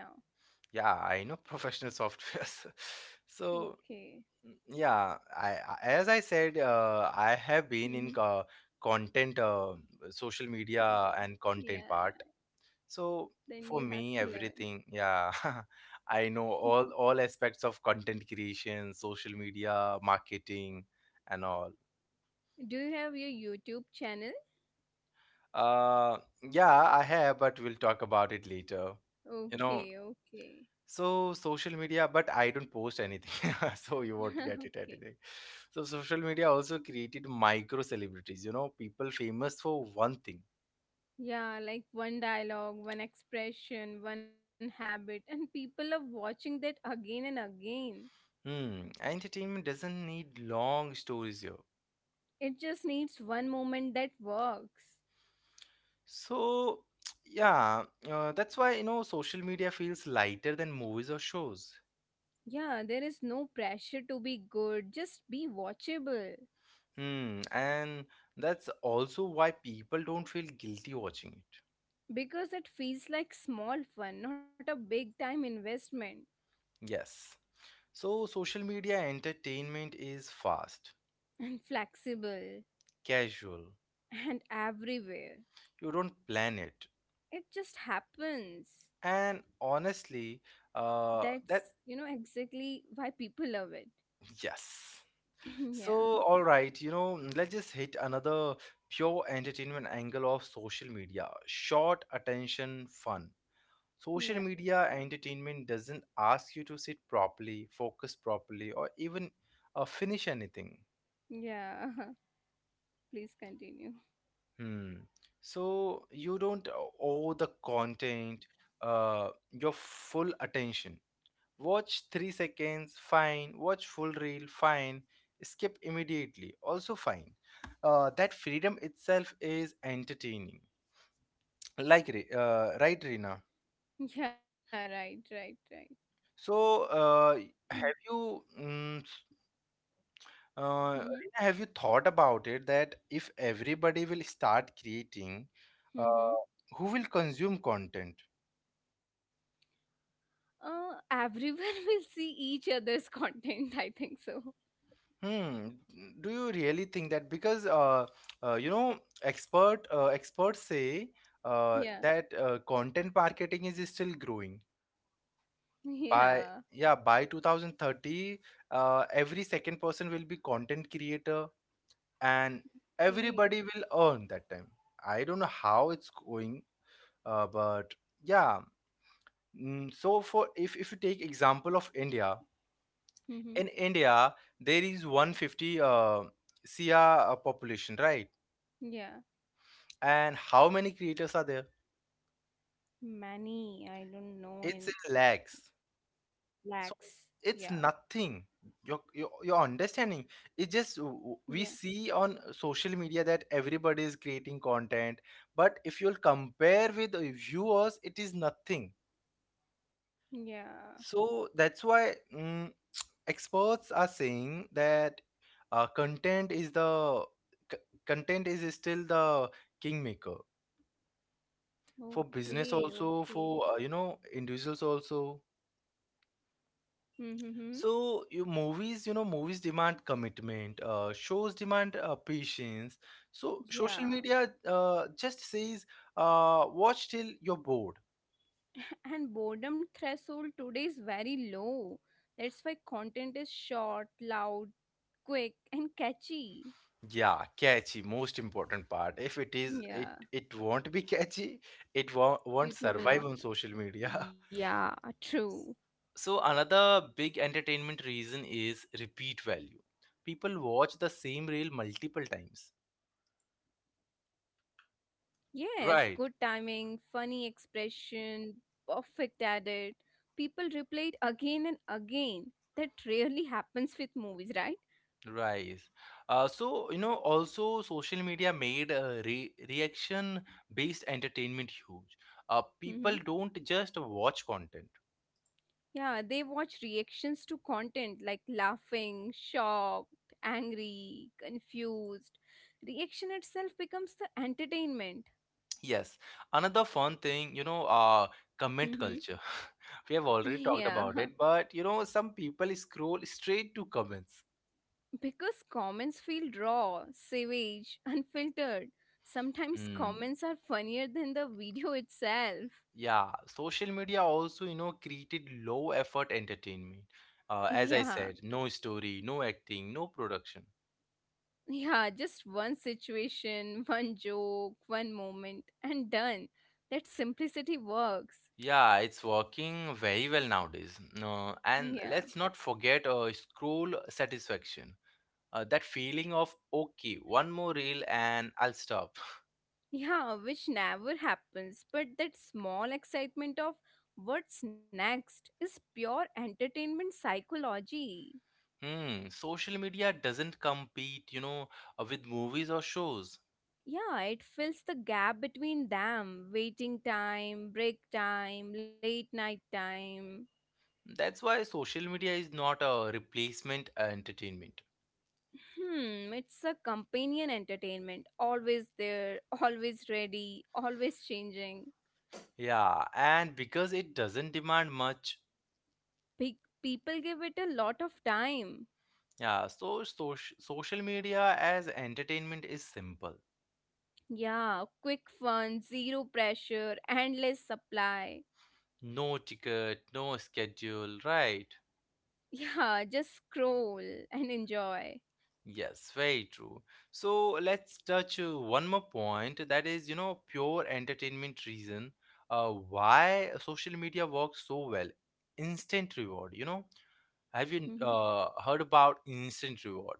S1: Yeah, I know professional softwares. <laughs> So
S2: Okay.
S1: mm, yeah, as I said, I have been
S2: Mm-hmm.
S1: in content, social media
S2: Creating.
S1: and
S2: Yeah,
S1: content part.
S2: yeah.
S1: So
S2: Then
S1: for
S2: you have
S1: me,
S2: to learn.
S1: everything. Yeah, <laughs> I know all aspects of content creation, social media, marketing, and all.
S2: Do you have your YouTube channel?
S1: Uh, yeah, I have, but we'll talk about it later. You know,
S2: Okay, okay.
S1: so social media, but I don't post anything, <laughs> so you won't get
S2: <laughs>
S1: it
S2: Okay.
S1: anything. So social media also created micro celebrities, you know, people famous for one thing.
S2: Yeah, like one dialogue, one expression, one habit, <laughs> and people are watching that again and again.
S1: Hmm, entertainment doesn't need long stories here.
S2: It just needs one moment that works.
S1: So, <tsk> yeah, that's why, you know, social media feels lighter than movies or shows.
S2: Yeah, there is no pressure to be good, just be watchable.
S1: Hmm, and that's also why people don't feel guilty watching it.
S2: Because it feels like small fun, not a big time investment. <laughs>
S1: Yes. So, social media entertainment is fast,
S2: And flexible,
S1: casual.
S2: and everywhere.
S1: You don't plan it.
S2: It just happens.
S1: And honestly,
S2: That's, you
S1: that,
S2: know, exactly why people love it.
S1: yes. So,
S2: <clears throat> Yeah,
S1: all right, you know, let's just hit another pure entertainment angle of social media: short attention fun. Social
S2: yeah.
S1: media entertainment doesn't ask you to sit properly, focus properly, or even finish anything.
S2: Yeah, <laughs> please continue.
S1: Hmm. So you don't owe the content your full attention. Watch 3 seconds, fine. Watch full reel, fine. Skip immediately, also fine. That freedom itself is entertaining. Like, right, Rina?
S2: <laughs> Yeah, right, right, right.
S1: So have
S2: <clears throat>
S1: you, Rina,
S2: Mm-hmm,
S1: have you thought about it that if everybody will start creating, uh,
S2: mm-hmm.
S1: who will consume content?
S2: Everyone <laughs> will see each other's content, <laughs> I think so.
S1: Hmm. Do you really think that? Because you know, experts say
S2: Yeah,
S1: that content marketing is still growing. By
S2: <laughs> yeah,
S1: Yeah, by 2030, every second person will be content creator, and everybody will
S2: okay.
S1: earn that time. I don't know how it's going, but yeah. Mm, so for if you take example of India, in
S2: Mm-hmm.
S1: India there is 150 crore population, right?
S2: Yeah,
S1: And how many creators are there?
S2: many, I don't
S1: It's
S2: know,
S1: in
S2: in
S1: lags.
S2: lakhs.
S1: So
S2: Yeah,
S1: it's nothing. Your understanding, it's just
S2: yeah,
S1: we see on social media that everybody is creating content, but if you'll compare with the viewers it is nothing.
S2: yeah.
S1: So that's why mm, <tsk> experts are saying that uh, content is the c- content is still the kingmaker for business,
S2: Okay,
S1: also
S2: okay.
S1: for you know, individuals also.
S2: Mm-hmm.
S1: So you movies, you know, movies demand commitment. Shows demand patience. So social
S2: Yeah,
S1: media just says, watch till you're bored.
S2: <laughs> and boredom threshold today is very low. That's why content is short, loud, quick and catchy.
S1: Yeah, catchy. Most important part. If it is, it
S2: Yeah,
S1: it won't be <laughs> catchy. It won't
S2: people
S1: survive on
S2: will not.
S1: social media.
S2: Yeah, true.
S1: <laughs> So another big entertainment reason is repeat value. People watch the same reel multiple times.
S2: Yes, good timing, funny
S1: Right.
S2: expression, perfect at it. People replay it again and again. That rarely happens with movies, right?
S1: Right. So, you know, also social media made re reaction based entertainment huge. People
S2: Mm-hmm.
S1: don't just watch content.
S2: Yeah, they watch reactions to content like laughing, shocked, angry, confused. Reaction itself becomes the entertainment.
S1: Yes. Another fun thing, you know, comment culture.
S2: Mm-hmm.
S1: <laughs> We have
S2: <laughs>
S1: already talked
S2: Yeah.
S1: about it, but, you know, some people scroll straight to comments.
S2: Because comments feel raw, savage, <laughs> unfiltered. Sometimes
S1: Mm.
S2: comments are funnier than the video itself.
S1: Yeah. Social media also, you know, created low effort entertainment. As I
S2: Yeah,
S1: said, no story, no acting, no production.
S2: yeah, just one situation, one joke, one moment, and done. That simplicity works.
S1: Yeah, it's working very well nowadays. No,
S2: Yeah,
S1: and let's not forget scroll satisfaction. That feeling of okay, one more reel and I'll stop.
S2: yeah, which never happens. But that small excitement of what's next is pure entertainment psychology.
S1: Hmm, social media doesn't compete, you know, with movies or shows.
S2: Yeah, it fills the gap between them. Waiting time, break time, late night time.
S1: That's why social media is not a replacement entertainment.
S2: Hmm, it's a companion entertainment. Always there, <laughs> always ready, always changing.
S1: Yeah, and because it doesn't demand much.
S2: Pe- People give it a lot of time.
S1: Yeah, so, so social media as entertainment is simple.
S2: Yeah, quick fun, zero pressure, endless supply. <laughs>
S1: No ticket, no schedule, right?
S2: Yeah, just scroll and enjoy.
S1: Yes, very true. So let's touch one more point that is, you know, pure entertainment reason why social media works so well. Instant reward, you know, have you
S2: Mm-hmm.
S1: heard about instant reward?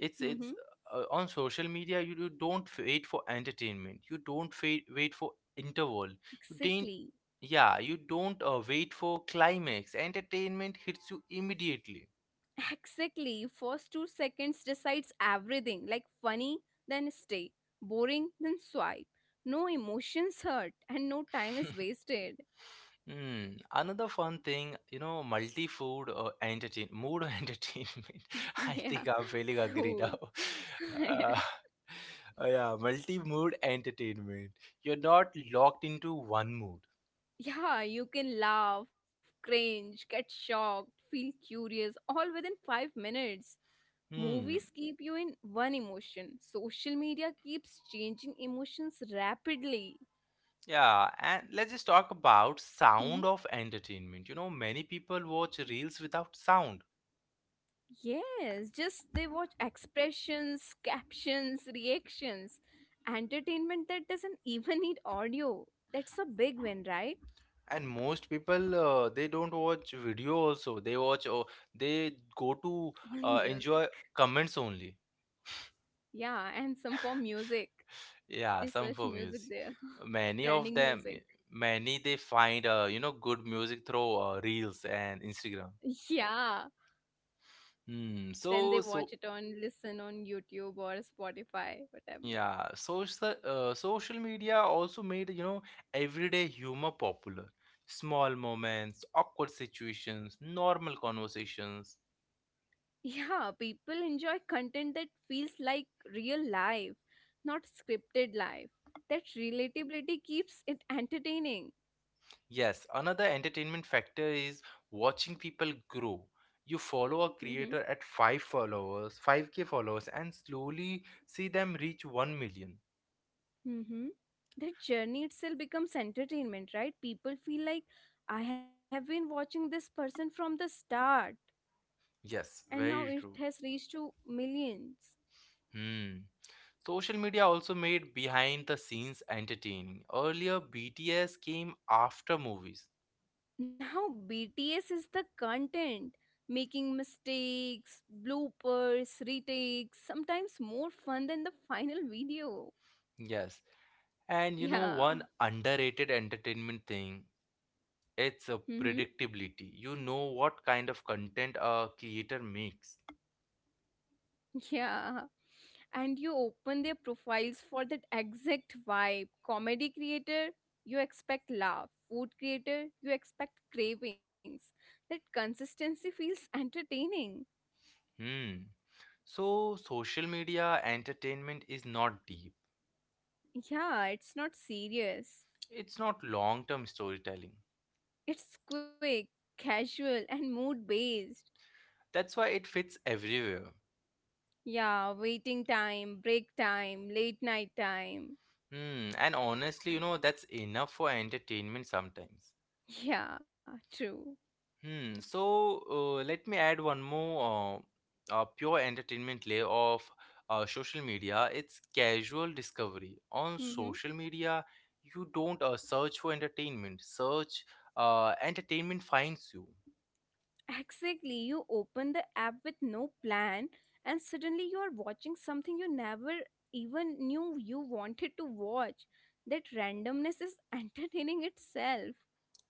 S1: It's it's
S2: Mm-hmm.
S1: uh, on social media. You don't wait for entertainment. You don't wait for interval. You don't.
S2: Exactly.
S1: Yeah, you don't wait for climax. Entertainment hits you immediately.
S2: Exactly. First 2 seconds decides everything. Like funny, then stay. Boring, then swipe. No emotions hurt and no time is wasted.
S1: Hmm. Another fun thing, you know, multi-food entertain mood or <laughs> entertainment.
S2: <laughs>
S1: I
S2: Yeah.
S1: think I'm feeling
S2: Food.
S1: agree now.
S2: <laughs> Yeah.
S1: Uh, yeah, multi-mood entertainment. You're not locked into one mood.
S2: Yeah, you can laugh, cringe, get shocked, feel curious, all within 5 minutes.
S1: Hmm.
S2: Movies keep you in one emotion. Social media keeps changing emotions rapidly.
S1: Yeah, and let's just talk about sound of
S2: <laughs>
S1: entertainment. You know, many people watch reels without sound.
S2: Yes, just they watch expressions, captions, reactions, entertainment that doesn't <laughs> even need audio. That's a big win, right?
S1: And most people they don't watch video also. They watch, or they go
S2: <laughs> Only
S1: to
S2: music.
S1: enjoy comments only.
S2: Yeah, and some for music.
S1: Yeah,
S2: They
S1: some for
S2: search
S1: music.
S2: music there,
S1: Many
S2: <laughs>
S1: of
S2: trending
S1: them, eh,
S2: music.
S1: many they find you know, good music through reels and Instagram.
S2: Yeah,
S1: Hmm.
S2: then they
S1: So so
S2: watch it on, listen on YouTube or Spotify, whatever.
S1: yeah, social media also made, you know, everyday humor popular. Small moments, awkward situations, normal conversations.
S2: Yeah, people enjoy content that feels like real life, not scripted life. That relatability keeps it entertaining.
S1: Yes, another entertainment factor is watching people grow. You follow a creator
S2: Mm-hmm.
S1: at 5 followers, 5K followers, and slowly see them reach 1 million.
S2: Mm-hmm. The journey itself becomes entertainment, right? People feel like I have been watching this person from the start
S1: Yes,
S2: and now
S1: very
S2: it
S1: true.
S2: has reached to millions.
S1: Hmm. Social media also made behind the scenes entertaining. Earlier, BTS came after movies.
S2: Now BTS is the content, making mistakes, bloopers, retakes, sometimes more fun than the final video.
S1: Yes. And you know,
S2: Yeah.
S1: one underrated entertainment thing, it's a
S2: Mm-hmm.
S1: predictability. You know what kind of content a creator makes.
S2: Yeah. And you open their profiles for that exact vibe. Comedy creator, you expect laugh. Food creator, you expect cravings. That consistency feels entertaining.
S1: Hmm. So, social media entertainment is not deep,
S2: Yeah, it's not serious.
S1: it's not long term storytelling.
S2: It's quick, casual, and mood based.
S1: That's why it fits everywhere.
S2: Yeah, waiting time, break time, late night time.
S1: Hmm, and honestly, you know, that's enough for entertainment sometimes.
S2: Yeah, true.
S1: Hmm, so let me add one more pure entertainment layer of social media. It's casual discovery. On
S2: Mm-hmm.
S1: social media, you don't search for entertainment finds you.
S2: Exactly, you open the app with no plan, and suddenly you are watching something you never even knew you wanted to watch. That randomness is <laughs> entertaining itself.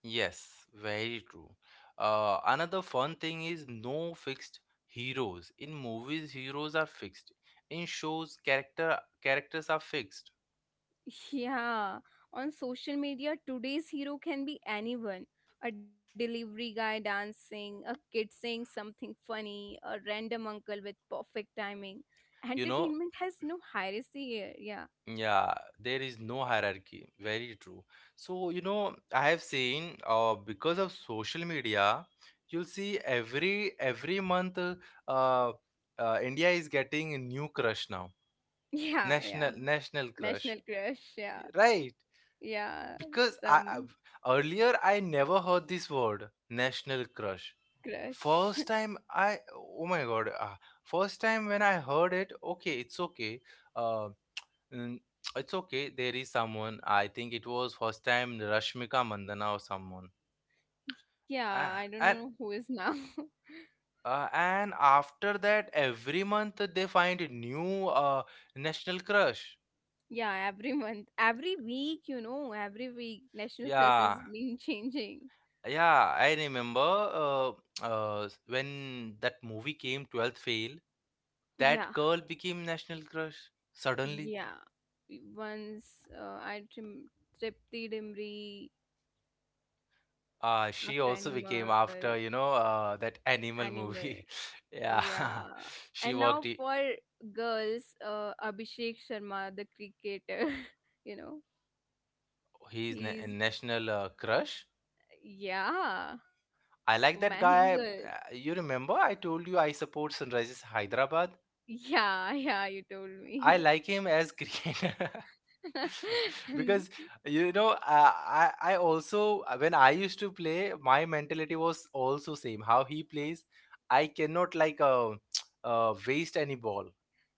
S1: Yes, very true. Another fun thing is no fixed heroes. In movies, heroes are fixed. In shows, characters are fixed.
S2: Yeah, on social media, today's hero can be anyone, a delivery guy dancing, a kid saying something funny, a random uncle with perfect timing.
S1: You know,
S2: Entertainment has no hierarchy here. Yeah,
S1: yeah, there is no hierarchy, very true. So you know, I have seen, because of social media, you'll see every month, uh, India is getting a new crush now.
S2: <laughs> yeah, yeah.
S1: National crush,
S2: National crush, yeah.
S1: right?
S2: Yeah,
S1: Because
S2: some
S1: I earlier I never heard this word, national crush.
S2: crush. <laughs>
S1: First time I, oh my god, first time when I heard it, okay, it's okay. Uh, Mm, it's okay. There is someone. I think it was first time Rashmika Mandana or someone.
S2: Yeah, I don't
S1: A-
S2: know who
S1: And
S2: is now. <laughs>
S1: and after that, every month they find a new national crush.
S2: Yeah, every month, every week, you know, every week, national crush
S1: Yeah,
S2: has been <laughs> changing.
S1: yeah. I remember when that movie came, 12th Fail.
S2: Yeah,
S1: That girl became national crush suddenly.
S2: yeah. Once I trim tripped the Dimri
S1: She
S2: after
S1: also became
S2: animal,
S1: after, you know, that animal
S2: animal.
S1: movie. <laughs> Yeah,
S2: Yeah,
S1: <laughs>
S2: and
S1: she
S2: now
S1: worked.
S2: for girls, Abhishek Sharma, the cricketer, <laughs> you know,
S1: He's a
S2: he's
S1: national crush.
S2: yeah for
S1: I like
S2: many
S1: that
S2: girls.
S1: guy. You remember I told you I support Sunrises Hyderabad.
S2: Yeah, <laughs> yeah, you told
S1: I
S2: me.
S1: like him as cricketer <laughs>
S2: <laughs> And
S1: because, you know, I also when I used to play, my mentality was also same how he plays. I cannot like <tsk> waste any ball.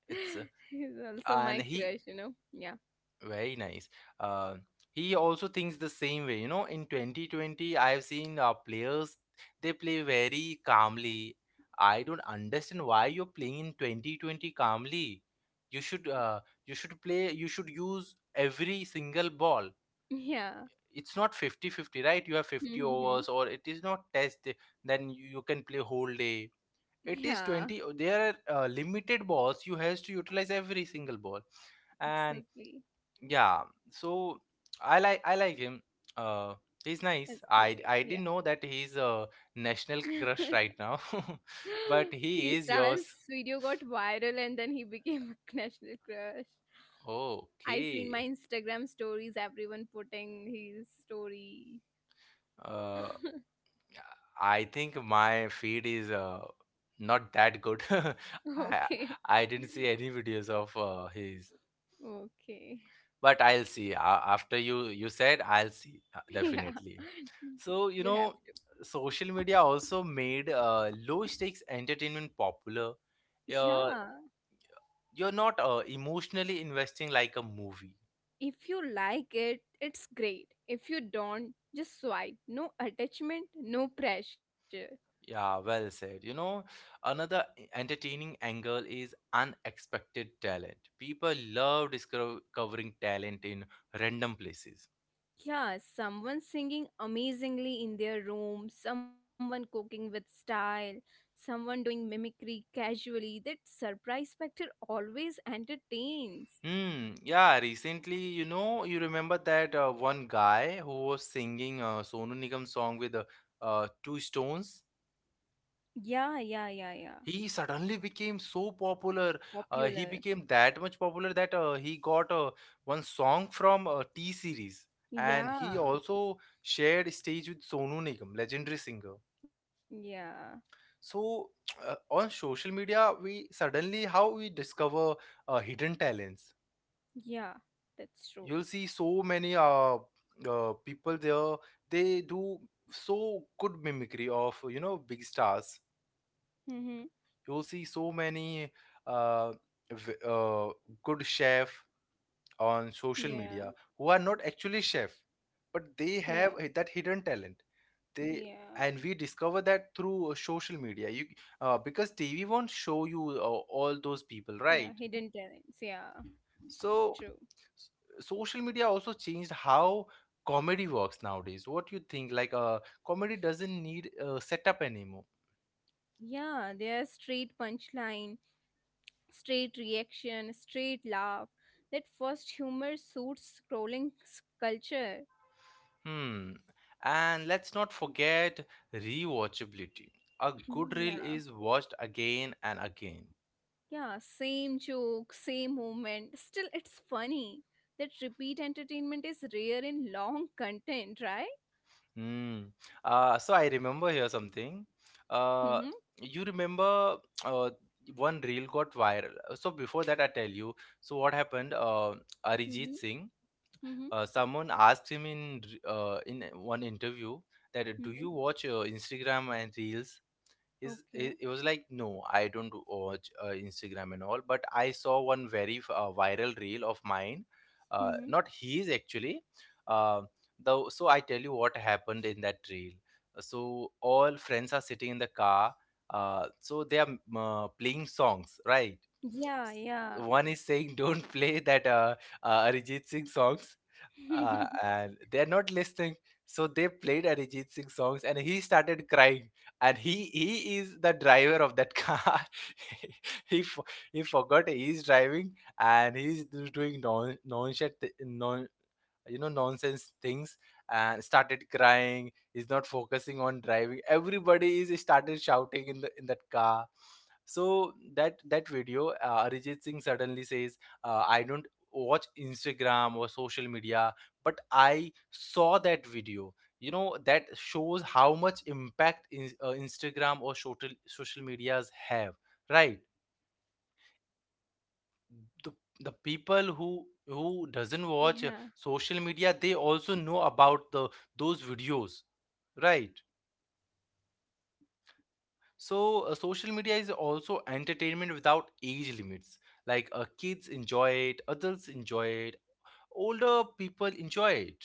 S1: It's
S2: he's also
S1: and
S2: my
S1: he
S2: crush, you know. Yeah. <laughs>
S1: Very nice. Uh, he also thinks the same way. You know, in 2020, I've seen players, they play very calmly. I don't understand why you're playing in 2020 calmly. You should uh, you should play, you should use every single ball.
S2: Yeah.
S1: It's not 50 50, right? You have 50
S2: Mm-hmm.
S1: overs or it is not test, then you can play whole day. It is
S2: Yeah,
S1: 20, there are limited balls. You has to utilize every single ball and
S2: exactly.
S1: yeah, so I like him. Uh, he's nice.
S2: As
S1: I
S2: cricket.
S1: I didn't know that he's a
S2: Yeah.
S1: national
S2: <laughs>
S1: crush right now, <laughs> but
S2: His
S1: he is yours.
S2: dance video got viral and then he became a <laughs> national crush. I seen my
S1: Okay.
S2: Instagram stories, everyone putting his story.
S1: Uh,
S2: <laughs>
S1: I think my feed is not that good. <laughs> I
S2: Okay.
S1: I didn't see any videos of his,
S2: Okay.
S1: but I'll see. A After you said, I'll see
S2: <laughs> Yeah.
S1: definitely. So, you
S2: You have
S1: know, social media also made low stakes entertainment popular.
S2: to.
S1: Uh,
S2: Yeah.
S1: you're not emotionally investing like a movie.
S2: If you like it, it's great. If you don't, just swipe. No attachment, no pressure.
S1: Yeah, well said. You know, another entertaining angle is unexpected talent. People love discovering talent in random places.
S2: Yeah, someone singing amazingly in their room, someone cooking with style, someone doing mimicry casually. That surprise factor always entertains.
S1: Yeah, recently, you know, you remember that one guy who was singing a Sonu Nigam song with two stones?
S2: Yeah, yeah, yeah, yeah.
S1: He suddenly became so popular.
S2: Popular.
S1: He became that much popular that he got one song from T series, and he
S2: Yeah,
S1: also shared stage with Sonu Nigam, legendary singer.
S2: yeah,
S1: So <tsk> on social media, we suddenly how we discover hidden talents.
S2: yeah. That's true.
S1: You'll see so many people there. They do so good mimicry of, you know, big stars.
S2: Mm-hmm.
S1: You'll see so many uh, v- uh, good chef on social
S2: Yeah,
S1: media who are not actually chef, but they
S2: yeah,
S1: have that hidden talent. They
S2: yeah,
S1: and we discover that through social media. You Because TV won't show you all those people,
S2: yeah.
S1: right?
S2: Hidden talents. Yeah, true.
S1: So s- social media also changed how comedy works nowadays. What you think? Like, comedy doesn't need a setup anymore.
S2: Yeah, there's straight punchline, straight reaction, straight laugh. That first humor suits scrolling culture.
S1: Hmm. And let's not forget rewatchability. A
S2: <clears throat>
S1: good
S2: Yeah.
S1: reel is watched again and again.
S2: Yeah, same joke, same moment. Still, it's funny. That repeat entertainment is rare in long <laughs> content, right?
S1: Hmm. So I remember here something.
S2: Mm-hmm.
S1: Uh, you remember uh, one reel got viral. So before that, I tell you. So what happened? Arijit
S2: Mm-hmm.
S1: Singh.
S2: Mm-hmm.
S1: Someone asked him in in one interview that do you
S2: Mm-hmm.
S1: watch Instagram and reels? Is it,
S2: Okay.
S1: it was like, no, I don't watch Instagram and all, but I saw one very viral reel of mine, not
S2: Mm-hmm.
S1: his actually, uh, so I tell you what happened in that reel. So all friends are sitting in the car, so they are playing songs, right?
S2: Yeah, yeah.
S1: One is saying don't play that Arijit Singh songs, and
S2: <laughs>
S1: they're not listening. So they played Arijit Singh songs, and he started crying. And he is the driver of that car. <laughs> he fo- he forgot he's driving, and he's doing nonchalant, non you know, nonsense things and started crying. He's not focusing on driving. Everybody is started shouting in the in that car. So that video, Arijit Singh suddenly says, I don't watch Instagram or social media, but I saw that video. You know, that shows how much impact Instagram or social medias have, right? the the people who doesn't watch
S2: Yeah.
S1: social media, they also know about the those videos, right? So social media is also entertainment without age limits. Like, kids enjoy it, adults enjoy it, older people enjoy it,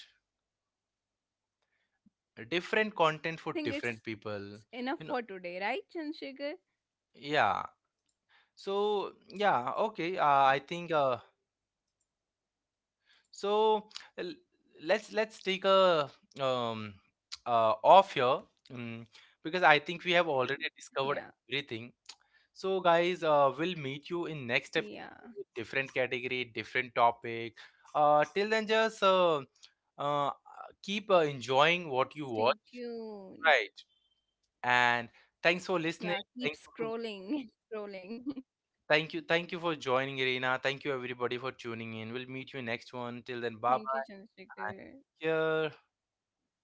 S1: different
S2: Yeah.
S1: content for
S2: So
S1: different
S2: I think
S1: people,
S2: it's enough
S1: you know.
S2: for today, right, Chandrasekhar?
S1: Yeah, so yeah, okay, I think so l- let's take a um, off here, um, because I think we have already
S2: Yeah.
S1: discovered everything. So guys, we'll meet you in
S2: Yeah.
S1: next episode with different category, different topic. Till then, just uh, keep
S2: Stay
S1: enjoying what you
S2: tuned.
S1: watch, right? And
S2: Yeah. Keep
S1: thanks for listening.
S2: scrolling. <laughs>
S1: Thank you for
S2: Scrolling. <laughs>
S1: thank you for joining, Irina. Thank you everybody for tuning in. We'll meet you
S2: Thank you,
S1: next one. Till then, bye
S2: Chandrasekhar.
S1: bye. And take care.
S2: Bye bye.